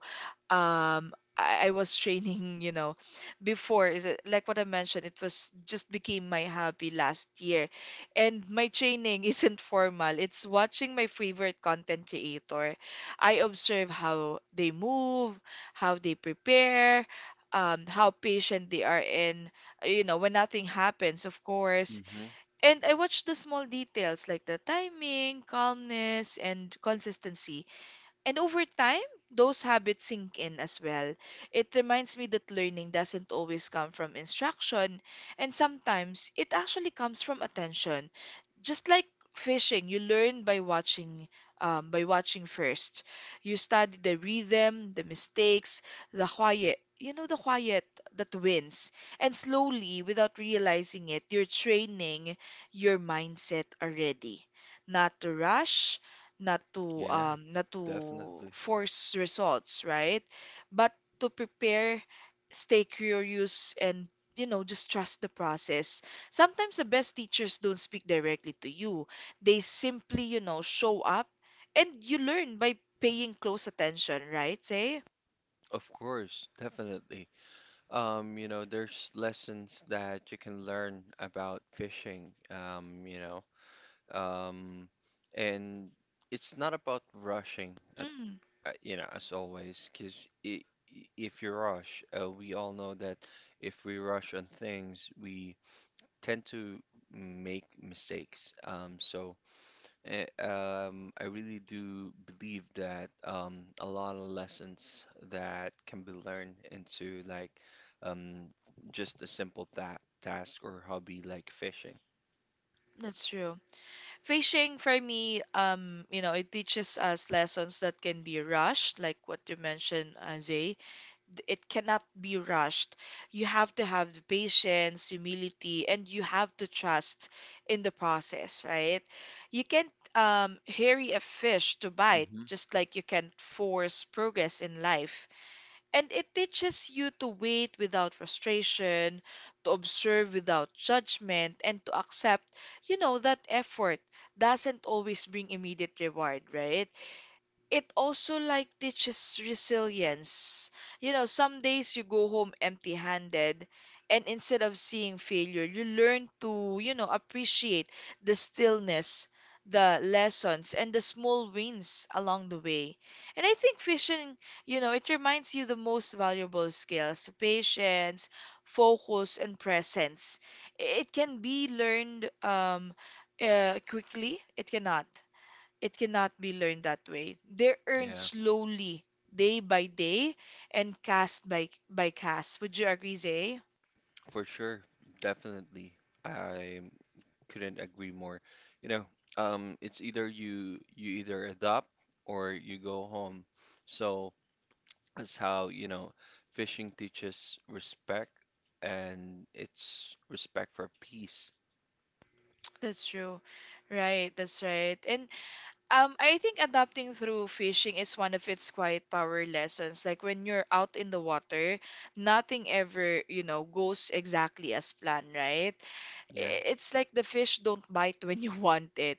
[SPEAKER 1] um I was training, you know, before, is it like what I mentioned, it was just became my hobby last year. And my training isn't formal. It's watching my favorite content creator. I observe how they move, how they prepare, how patient they are in, you know, when nothing happens, of course,
[SPEAKER 2] Hmm.
[SPEAKER 1] and I watch the small details like the timing, calmness, and consistency. And over time, those habits sink in as well. It reminds me that learning doesn't always come from instruction, and sometimes it actually comes from attention. Just like fishing, you learn by watching first. You study the rhythm, the mistakes, the quiet. You know, the quiet that wins. And slowly, without realizing it, you're training your mindset already. Not to rush, not to
[SPEAKER 2] Yeah, definitely.
[SPEAKER 1] force results, right? But to prepare, stay curious and, you know, just trust the process. Sometimes the best teachers don't speak directly to you. They simply, you know, show up, and you learn by paying close attention, right? Say?
[SPEAKER 2] Of course, definitely. You know, there's lessons that you can learn about fishing, you know, um, and it's not about rushing,
[SPEAKER 1] Mm,
[SPEAKER 2] you know, as always, because if you rush, we all know that if we rush on things, we tend to make mistakes. I really do believe that a lot of lessons that can be learned into like um, just a simple ta task or hobby like fishing.
[SPEAKER 1] that's true. Fishing for me, you know, it teaches us lessons that can be rushed, like what you mentioned, Azay. It cannot be rushed. You have to have the patience, humility, and you have to trust in the process, right? You can't hurry a fish to bite,
[SPEAKER 2] Hmm.
[SPEAKER 1] just like you can't force progress in life. And it teaches you to wait without frustration, to observe without judgment, and to accept, you know, that effort doesn't always bring immediate reward, right? It also like teaches resilience. You know, some days you go home empty handed, and instead of seeing failure, you learn to, you know, appreciate the stillness, the lessons, and the small wins along the way. And I think fishing, you know, it reminds you the most valuable skills: patience, focus, and presence. It can be learned quickly, it cannot. It cannot be learned that way. They're earned
[SPEAKER 2] Yeah.
[SPEAKER 1] slowly, day by day, and cast by cast. Would you agree, Zay?
[SPEAKER 2] For sure, definitely. I couldn't agree more. You know, it's either you either adopt or you go home. So that's how, you know, fishing teaches respect and it's respect for peace.
[SPEAKER 1] That's true. Right, that's right. And I think adapting through fishing is one of its quiet power lessons. Like when you're out in the water, nothing ever, you know, goes exactly as planned, right?
[SPEAKER 2] Yeah.
[SPEAKER 1] It's like the fish don't bite when you want it.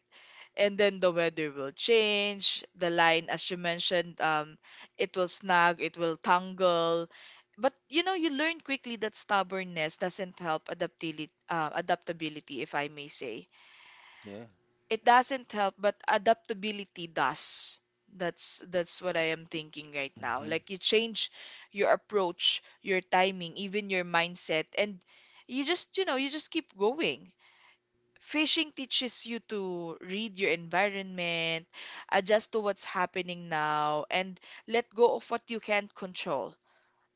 [SPEAKER 1] And then the weather will change. The line, as you mentioned, it will snag, it will tangle. But you know, you learn quickly that stubbornness doesn't help adaptability, adaptability, if I may say.
[SPEAKER 2] Yeah.
[SPEAKER 1] It doesn't help, but adaptability does. That's what I am thinking right now.
[SPEAKER 2] Hmm.
[SPEAKER 1] Like, you change your approach, your timing, even your mindset, and you just, you know, you just keep going. Fishing teaches you to read your environment, adjust to what's happening now, and let go of what you can't control.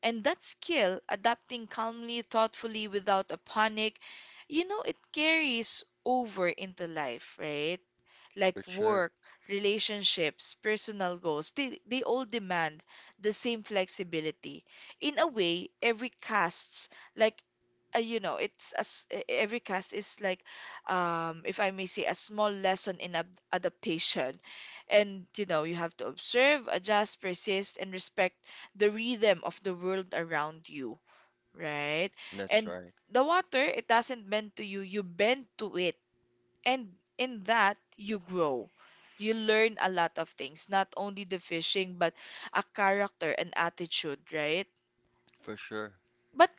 [SPEAKER 1] And that skill, adapting calmly, thoughtfully, without a panic, you know, it carries over into life, right?
[SPEAKER 2] For
[SPEAKER 1] Like
[SPEAKER 2] sure.
[SPEAKER 1] work, relationships, personal goals, they all demand the same flexibility. In a way, every casts like you know it's as every cast is like if I may say a small lesson in ab adaptation. And you know, you have to observe, adjust, persist, and respect the rhythm of the world around you, right?
[SPEAKER 2] That's
[SPEAKER 1] And
[SPEAKER 2] right.
[SPEAKER 1] the water, it doesn't bend to you, you bend to it, and in that you grow. You learn a lot of things, not only the fishing, but a character and attitude, right?
[SPEAKER 2] For sure.
[SPEAKER 1] But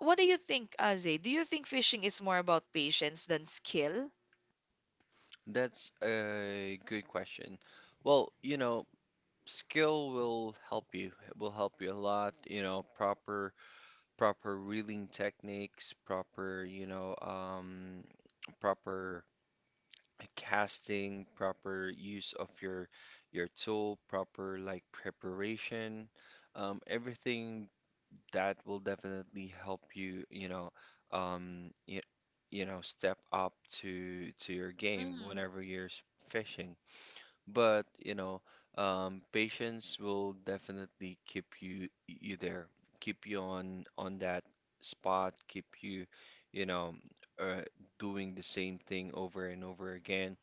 [SPEAKER 1] what do you think, Aze? Do you think fishing is more about patience than skill?
[SPEAKER 2] That's a good question. Well, you know, skill will help you. It will help you a lot, you know, proper reeling techniques, proper, you know, proper casting, proper use of your tool, proper like preparation. Everything that will definitely help you, you know, um, you, you know, step up to your game
[SPEAKER 1] Mm,
[SPEAKER 2] whenever you're fishing. But, you know, patience will definitely keep you there, keep you on that spot, keep you, you know, uh, doing the same thing over and over again.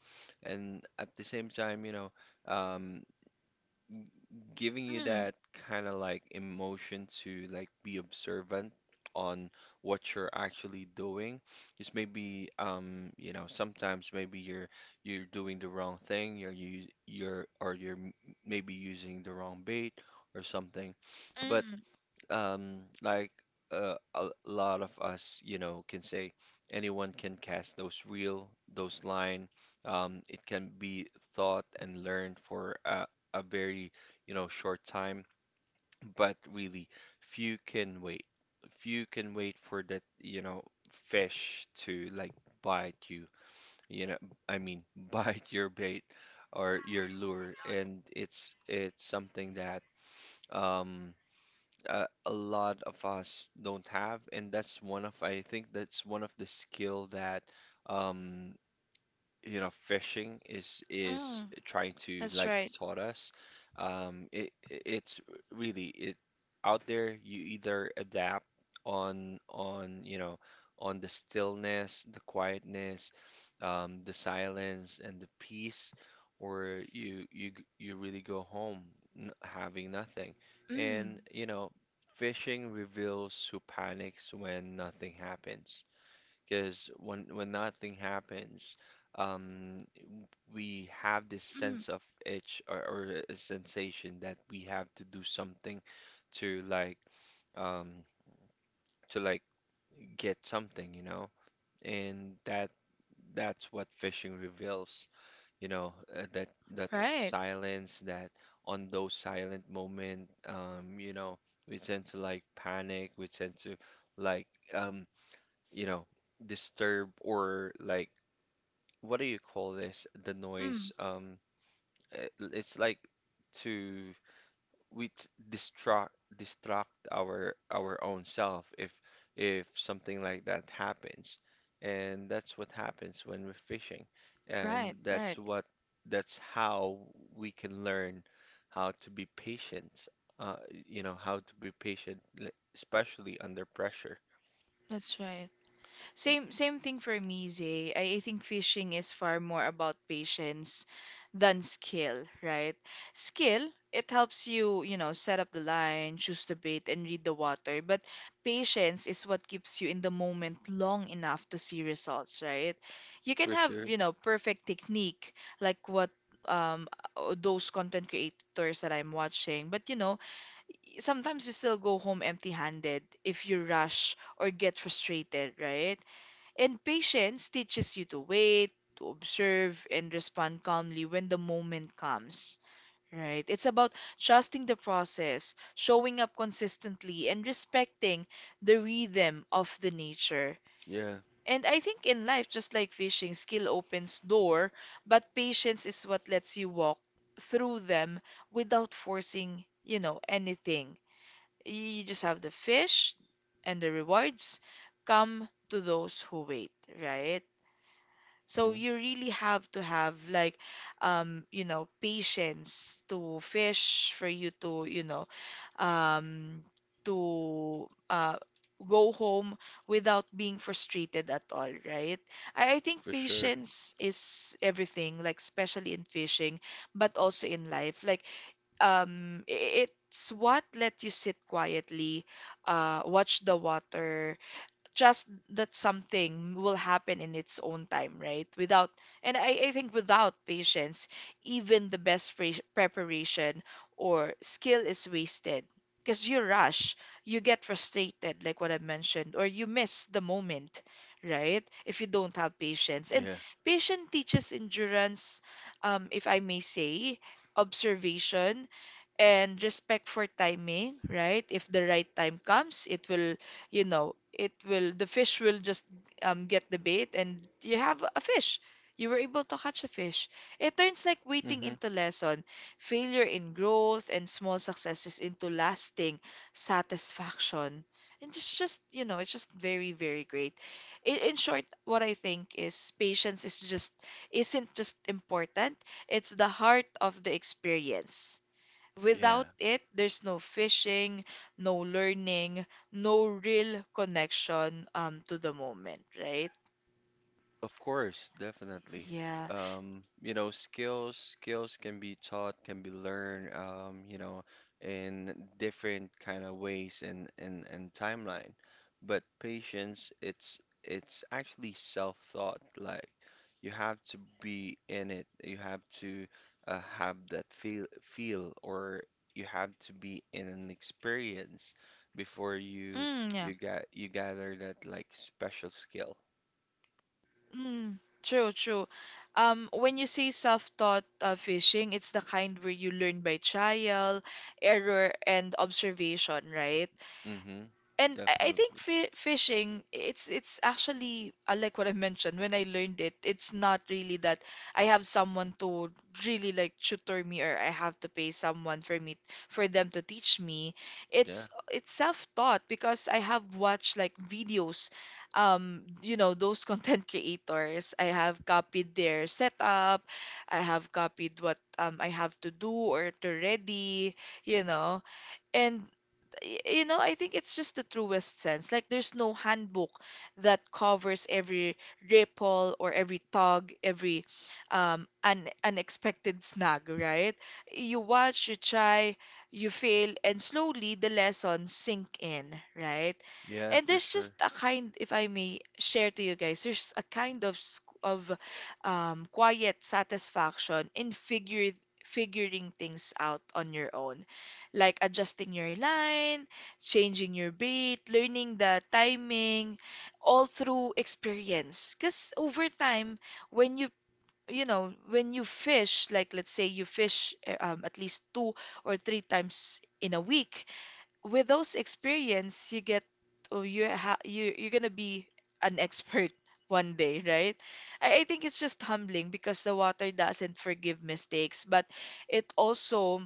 [SPEAKER 2] And at the same time, you know, um, giving you
[SPEAKER 1] mm,
[SPEAKER 2] that kind of like emotion to like be observant on what you're actually doing. Just maybe you know sometimes maybe you're doing the wrong thing. You're or maybe using the wrong bait or something. But
[SPEAKER 1] mm,
[SPEAKER 2] like a lot of us, you know, can say anyone can cast those reel, those line. It can be thought and learned for a very, you know, short time, but really few can wait. Few can wait for that, you know, fish to like bite you, you know, I mean, bite your bait or your lure, and it's something that um a lot of us don't have, and that's one of I think that's one of the skill that um, you know fishing is
[SPEAKER 1] mm.
[SPEAKER 2] trying to
[SPEAKER 1] That's
[SPEAKER 2] like
[SPEAKER 1] right.
[SPEAKER 2] taught us it's really it out there you either adapt on you know on the stillness, the quietness, the silence and the peace, or you you really go home having nothing. And
[SPEAKER 1] Mm,
[SPEAKER 2] you know fishing reveals who panics when nothing happens because when that thing happens, um, we have this
[SPEAKER 1] mm,
[SPEAKER 2] sense of itch or a sensation that we have to do something to like um, to like get something, you know, and that's what fishing reveals, you know, that that
[SPEAKER 1] right.
[SPEAKER 2] silence, that on those silent moment, you know, we tend to like panic, we tend to like um, you know, disturb or like what do you call this? The
[SPEAKER 1] Mm,
[SPEAKER 2] noise. It's like to we distract our own self if something like that happens, and that's what happens when we're fishing, and
[SPEAKER 1] right,
[SPEAKER 2] that's
[SPEAKER 1] right.
[SPEAKER 2] what that's how we can learn how to be patient. Uh, you know how to be patient, especially under pressure.
[SPEAKER 1] That's right. Same thing for me, Zay. I think fishing is far more about patience than skill, right? Skill, it helps you, you know, set up the line, choose the bait, and read the water. But patience is what keeps you in the moment long enough to see results, right? You can
[SPEAKER 2] For
[SPEAKER 1] have,
[SPEAKER 2] sure.
[SPEAKER 1] you know, perfect technique like what um those content creators that I'm watching, but you know, sometimes you still go home empty-handed if you rush or get frustrated, right? And patience teaches you to wait, to observe, and respond calmly when the moment comes. Right? It's about trusting the process, showing up consistently, and respecting the rhythm of the nature.
[SPEAKER 2] Yeah.
[SPEAKER 1] And I think in life, just like fishing, skill opens door, but patience is what lets you walk through them without forcing, you know, anything. You just have the fish and the rewards come to those who wait, right? So
[SPEAKER 2] Hmm.
[SPEAKER 1] you really have to have like you know, patience to fish for you to um to uh go home without being frustrated at all, right? I think
[SPEAKER 2] For sure.
[SPEAKER 1] patience is everything, like especially in fishing, but also in life. Like it's what let you sit quietly, watch the water just that something will happen in its own time, right? Without, and I think without patience, even the best preparation or skill is wasted. Because you rush, you get frustrated, like what I mentioned, or you miss the moment, right? If you don't have patience. And
[SPEAKER 2] Yeah.
[SPEAKER 1] patience teaches endurance, if I may say, observation and respect for timing, right? If the right time comes, it will, you know, it will, the fish will just get the bait and you have a fish. You were able to catch a fish. It turns like waiting
[SPEAKER 2] Hmm.
[SPEAKER 1] into lesson, failure in growth, and small successes into lasting satisfaction. And it's just, you know, it's just very, very great. In short, what I think is patience is just isn't just important, it's the heart of the experience. Without
[SPEAKER 2] Yeah.
[SPEAKER 1] it, there's no fishing, no learning, no real connection to the moment, right?
[SPEAKER 2] Of course, definitely.
[SPEAKER 1] Yeah.
[SPEAKER 2] You know, skills can be taught, can be learned, you know, in different kind of ways and timeline. But patience, it's actually self-taught. Like you have to be in it. You have to have that feel, or you have to be in an experience before
[SPEAKER 1] Yeah.
[SPEAKER 2] you gather that like special skill.
[SPEAKER 1] True, true. When you say self-taught fishing, it's the kind where you learn by trial, error, and observation, right?
[SPEAKER 2] Mm-hmm.
[SPEAKER 1] And I think
[SPEAKER 2] Definitely.
[SPEAKER 1] fi fishing, it's actually like what I mentioned when I learned it, it's not really that I have someone to really like tutor me, or I have to pay someone for me for them to teach me.
[SPEAKER 2] Yeah.
[SPEAKER 1] It's self-taught because I have watched like videos, you know, those content creators. I have copied their setup. I have copied what I have to do or to ready, you know. And you know, I think it's just the truest sense. Like there's no handbook that covers every ripple or every tug, every un unexpected snag, right? You watch, you try, you fail, and slowly the lessons sink in, right?
[SPEAKER 2] Yeah,
[SPEAKER 1] And
[SPEAKER 2] for
[SPEAKER 1] there's just
[SPEAKER 2] sure.
[SPEAKER 1] a kind, if I may share to you guys, there's a kind of quiet satisfaction in figure figuring things out on your own, like adjusting your line, changing your bait, learning the timing, all through experience. Because over time, when you know, when you fish, like let's say you fish at least two or three times in a week, with those experience, you get, or you ha you you're gonna be an expert one day, right? I think it's just humbling because the water doesn't forgive mistakes, but it also,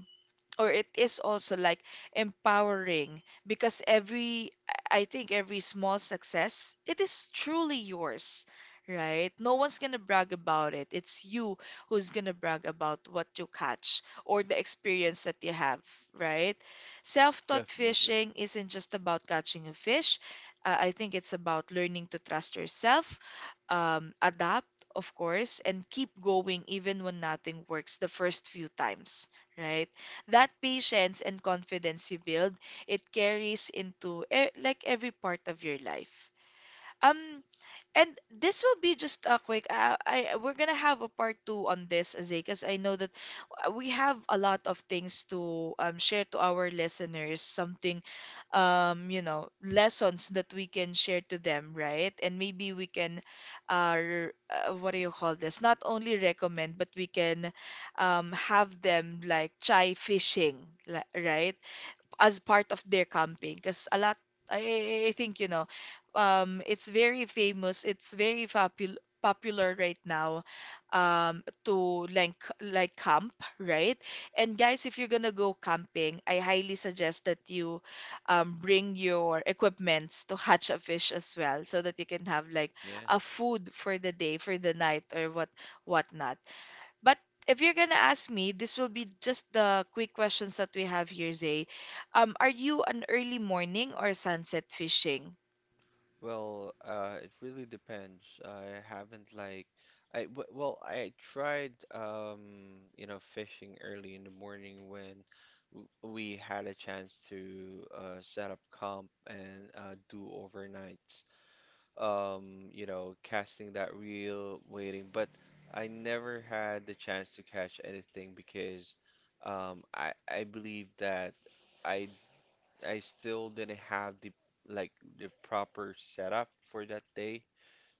[SPEAKER 1] or it is also like, empowering because every I think every small success, it is truly yours, right? No one's gonna brag about it, it's you who's gonna brag about what you catch or the experience that you have, right? Self-taught
[SPEAKER 2] Definitely.
[SPEAKER 1] fishing isn't just about catching a fish. I think it's about learning to trust yourself, adapt, of course, and keep going even when nothing works the first few times, right? That patience and confidence you build, it carries into like every part of your life. Um, and this will be just a quick. I we're gonna have a part two on this, Zay, because I know that we have a lot of things to, share to our listeners. Something, you know, lessons that we can share to them, right? And maybe we can, what do you call this? Not only recommend, but we can, have them like try fishing, right? As part of their camping, because a lot I think, you know, it's very famous, it's very popul popular right now, um, to like camp, right? And guys, if you're gonna go camping, I highly suggest that you, um, bring your equipments to hatch a fish as well so that you can have like
[SPEAKER 2] Yeah.
[SPEAKER 1] a food for the day, for the night, or whatnot. But if you're gonna ask me, this will be just the quick questions that we have here, Zay. Are you an early morning or sunset fishing?
[SPEAKER 2] Well, it really depends. I haven't like I w well, I tried you know, fishing early in the morning when w we had a chance to set up camp and do overnights. You know, casting that reel, waiting, but I never had the chance to catch anything because I believe that I I still didn't have the like the proper setup for that day.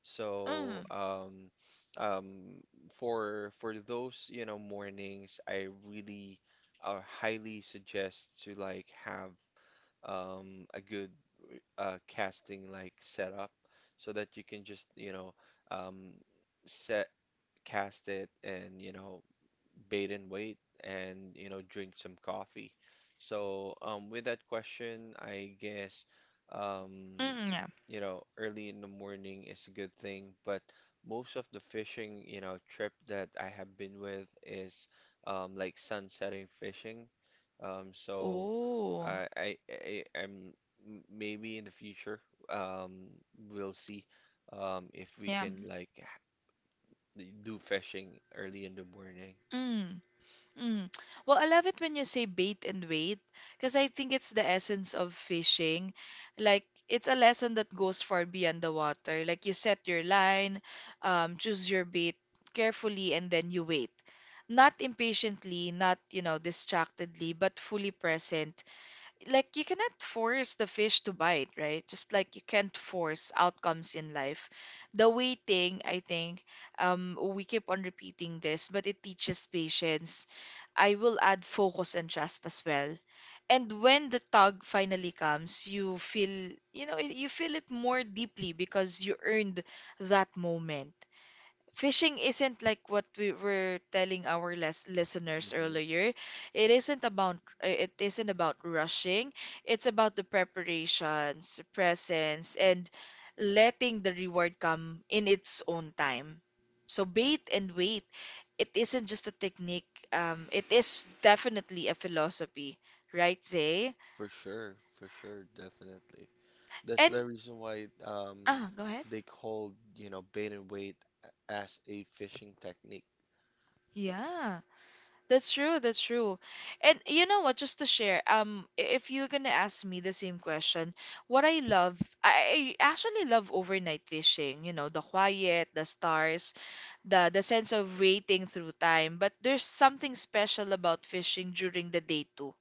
[SPEAKER 2] So
[SPEAKER 1] Mm.
[SPEAKER 2] um, um, for those you know mornings, I really highly suggest to like have a good casting like setup so that you can just you know um, set cast it and you know bait and wait and you know drink some coffee. So with that question, I guess um,
[SPEAKER 1] Yeah.
[SPEAKER 2] you know early in the morning is a good thing, but most of the fishing you know trip that I have been with is like sunsetting fishing. So
[SPEAKER 1] Oh,
[SPEAKER 2] I, I I I'm maybe in the future um, we'll see if we
[SPEAKER 1] yeah.
[SPEAKER 2] can like do fishing early in the morning.
[SPEAKER 1] Mm. Mm. Well, I love it when you say bait and wait because I think it's the essence of fishing. Like, it's a lesson that goes far beyond the water. Like, you set your line, choose your bait carefully, and then you wait. Not impatiently, not, you know, distractedly, but fully present. Like, you cannot force the fish to bite, right? Just like you can't force outcomes in life. The waiting, I think, we keep on repeating this, but it teaches patience. I will add focus and trust as well. And when the tug finally comes, you feel, you know, you feel it more deeply because you earned that moment. Fishing isn't like what we were telling our listeners
[SPEAKER 2] Hmm.
[SPEAKER 1] earlier. It isn't about it isn't about rushing. It's about the preparations, presence, and letting the reward come in its own time. So bait and wait. It isn't just a technique. It is definitely a philosophy, right, Zay?
[SPEAKER 2] For sure, definitely. That's
[SPEAKER 1] And
[SPEAKER 2] the reason why
[SPEAKER 1] ah, go ahead.
[SPEAKER 2] they called, you know, bait and wait as a fishing technique.
[SPEAKER 1] Yeah. That's true, that's true. And you know what, just to share, if you're gonna ask me the same question, what I love, I actually love overnight fishing, you know, the quiet, the stars, the sense of waiting through time. But there's something special about fishing during the day too.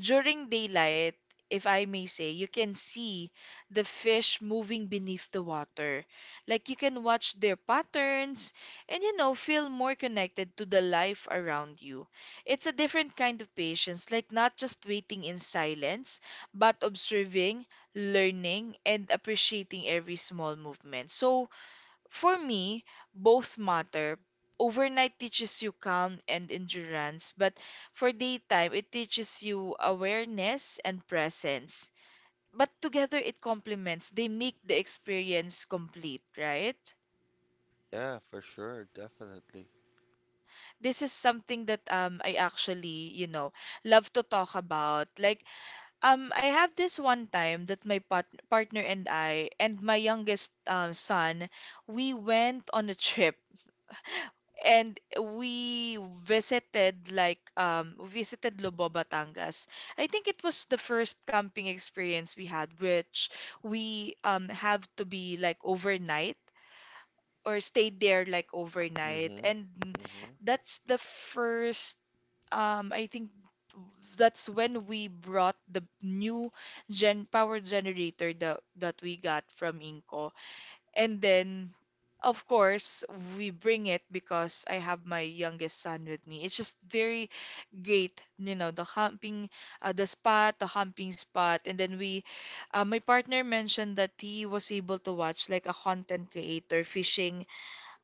[SPEAKER 1] During daylight, if I may say, you can see the fish moving beneath the water. Like you can watch their patterns and, you know, feel more connected to the life around you. It's a different kind of patience, like not just waiting in silence, but observing, learning, and appreciating every small movement. So, for me, both matter. Overnight teaches you calm and endurance, but for daytime, it teaches you awareness and presence. But together, it complements, they make the experience complete, right?
[SPEAKER 2] Yeah, for sure, definitely.
[SPEAKER 1] This is something that I actually, you know, love to talk about. Like I have this one time that my partner and I and my youngest son, we went on a trip, and we visited like visited Lobo, Batangas. I think it was the first camping experience we had, which we, um, have to be like overnight or stayed there like overnight,
[SPEAKER 2] Mm-hmm.
[SPEAKER 1] and
[SPEAKER 2] Mm-hmm.
[SPEAKER 1] that's the first, I think that's when we brought the new gen power generator that we got from Inco. And then, of course, we bring it because I have my youngest son with me. It's just very great, you know, the humping, the spot, the humping spot. And then we, my partner mentioned that he was able to watch like a content creator fishing,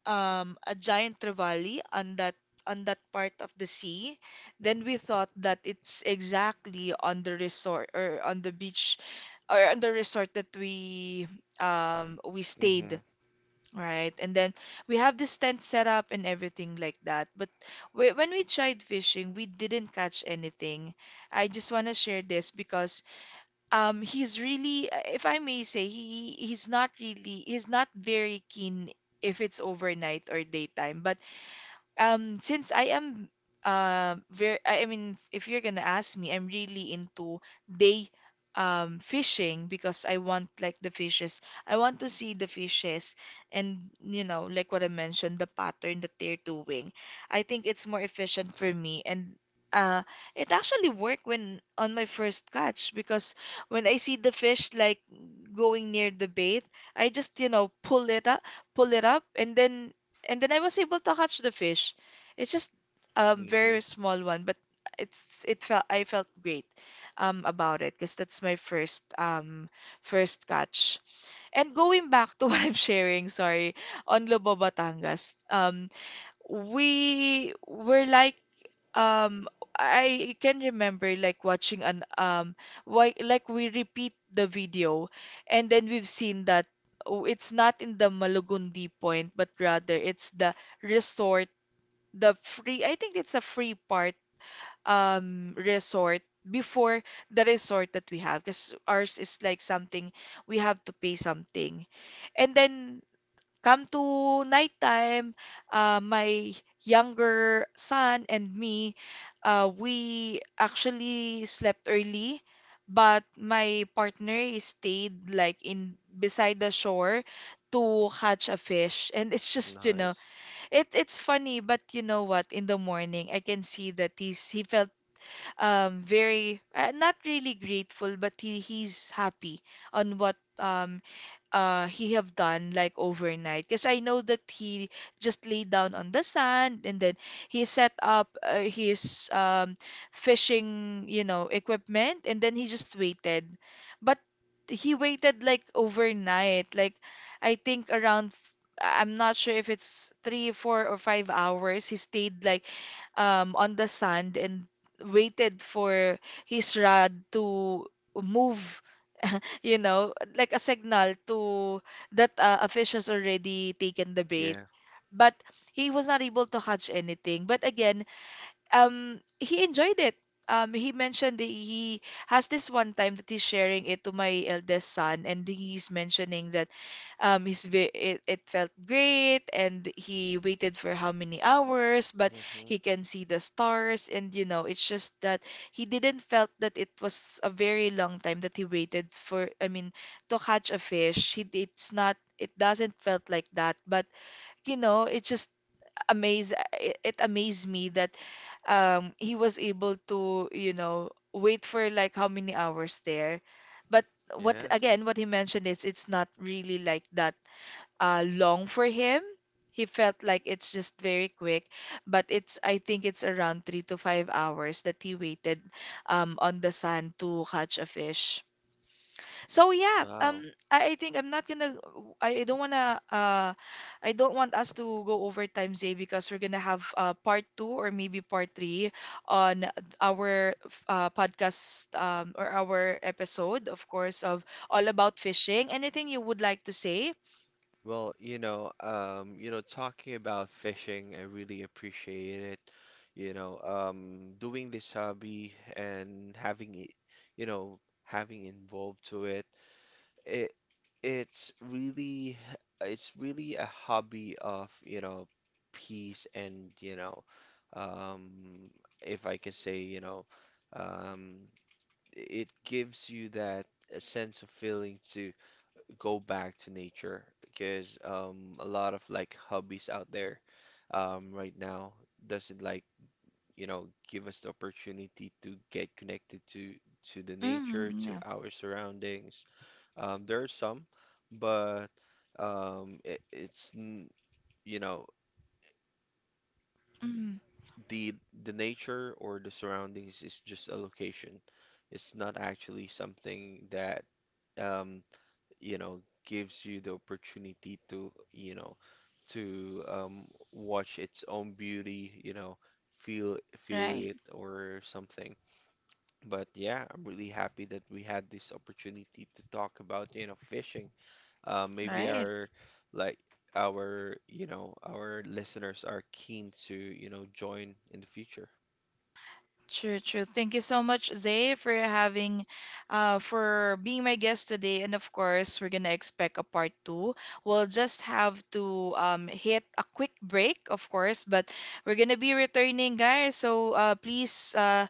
[SPEAKER 1] a giant trevally on that part of the sea. Then we thought that it's exactly on the resort or on the beach, or on the resort that we stayed.
[SPEAKER 2] Mm-hmm.
[SPEAKER 1] Right. And then we have this tent set up and everything like that. But when we tried fishing, we didn't catch anything. I just want to share this because, um, he's really, if I may say, he's not very keen if it's overnight or daytime. But since I am very I mean if you're gonna ask me, I'm really into day fishing because I want, like, the fishes. I want to see the fishes and, you know, like what I mentioned, the pattern that they're doing, I think it's more efficient for me. And uh it actually worked when on my first catch, because when I see the fish like going near the bait, I just pull it up, pull it up, and then I was able to catch the fish. It's just a
[SPEAKER 2] Mm-hmm.
[SPEAKER 1] very small one, but it felt I felt great about it, because that's my first first catch. And going back to what I'm sharing, sorry, on Lobo Batangas, we were like um, I can remember like watching an why, like, we repeat the video, and then we've seen that, oh, it's not in the Malugundi point, but rather it's the resort, the free, I think it's a free part resort before the resort that we have, because ours is like something we have to pay something. And then come to nighttime, my younger son and me, we actually slept early, but my partner stayed like in beside the shore to catch a fish. And it's just, you know,
[SPEAKER 2] Nice.
[SPEAKER 1] it's funny, but you know what? In the morning, I can see that he felt very not really grateful, but he, he's happy on what he have done like overnight. Because I know that he just lay down on the sand, and then he set up his fishing, you know, equipment, and then he just waited. But he waited like overnight. Like, I think around I'm not sure if it's three, 4, or 5 hours. He stayed like on the sand and waited for his rod to move, you know, like a signal to that a fish has already taken the bait.
[SPEAKER 2] Yeah.
[SPEAKER 1] But he was not able to catch anything. But again, he enjoyed it. He mentioned that he has this one time that he's sharing it to my eldest son, and he's mentioning that it, it felt great, and he waited for how many hours, but
[SPEAKER 2] Mm-hmm.
[SPEAKER 1] he can see the stars, and, you know, it's just that he didn't felt that it was a very long time that he waited for, I mean, to catch a fish. He, it's not, it doesn't felt like that, but, you know, it's just amaze it, it amazed me that he was able to, you know, wait for like how many hours there. But what
[SPEAKER 2] Yeah.
[SPEAKER 1] again what he mentioned is it's not really like that long for him. He felt like it's just very quick, but it's, I think it's around 3 to 5 hours that he waited on the sand to catch a fish. So yeah.
[SPEAKER 2] Wow.
[SPEAKER 1] I think I'm not gonna. I don't wanna. I don't want us to go over time, Zay, because we're gonna have part 2 or maybe part 3 on our podcast, or our episode, of course, of all about fishing. Anything you would like to say?
[SPEAKER 2] Well, you know, talking about fishing, I really appreciate it. You know, doing this hobby and having it, you know, having involved to it, it it's really it's really a hobby of, you know, peace and, you know, um, if I can say, you know, um, it gives you that a sense of feeling to go back to nature because a lot of like hobbies out there right now doesn't like you know give us the opportunity to get connected to the nature,
[SPEAKER 1] Mm,
[SPEAKER 2] to
[SPEAKER 1] yeah.
[SPEAKER 2] our surroundings. There are some, but it's you know
[SPEAKER 1] Mm,
[SPEAKER 2] the the nature or the surroundings is just a location. It's not actually something that um, you know, gives you the opportunity to, you know, to watch its own beauty, you know, feel
[SPEAKER 1] right.
[SPEAKER 2] it or something. But yeah, I'm really happy that we had this opportunity to talk about, you know, fishing. Maybe
[SPEAKER 1] Right.
[SPEAKER 2] our like our, you know, our listeners are keen to, you know, join in the future.
[SPEAKER 1] True, true. Thank you so much, Zay, for having, for being my guest today. And of course, we're gonna expect a part 2. We'll just have to hit a quick break, of course, but we're gonna be returning, guys. So please,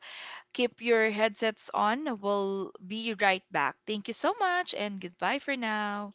[SPEAKER 1] keep your headsets on. We'll be right back. Thank you so much, and goodbye for now.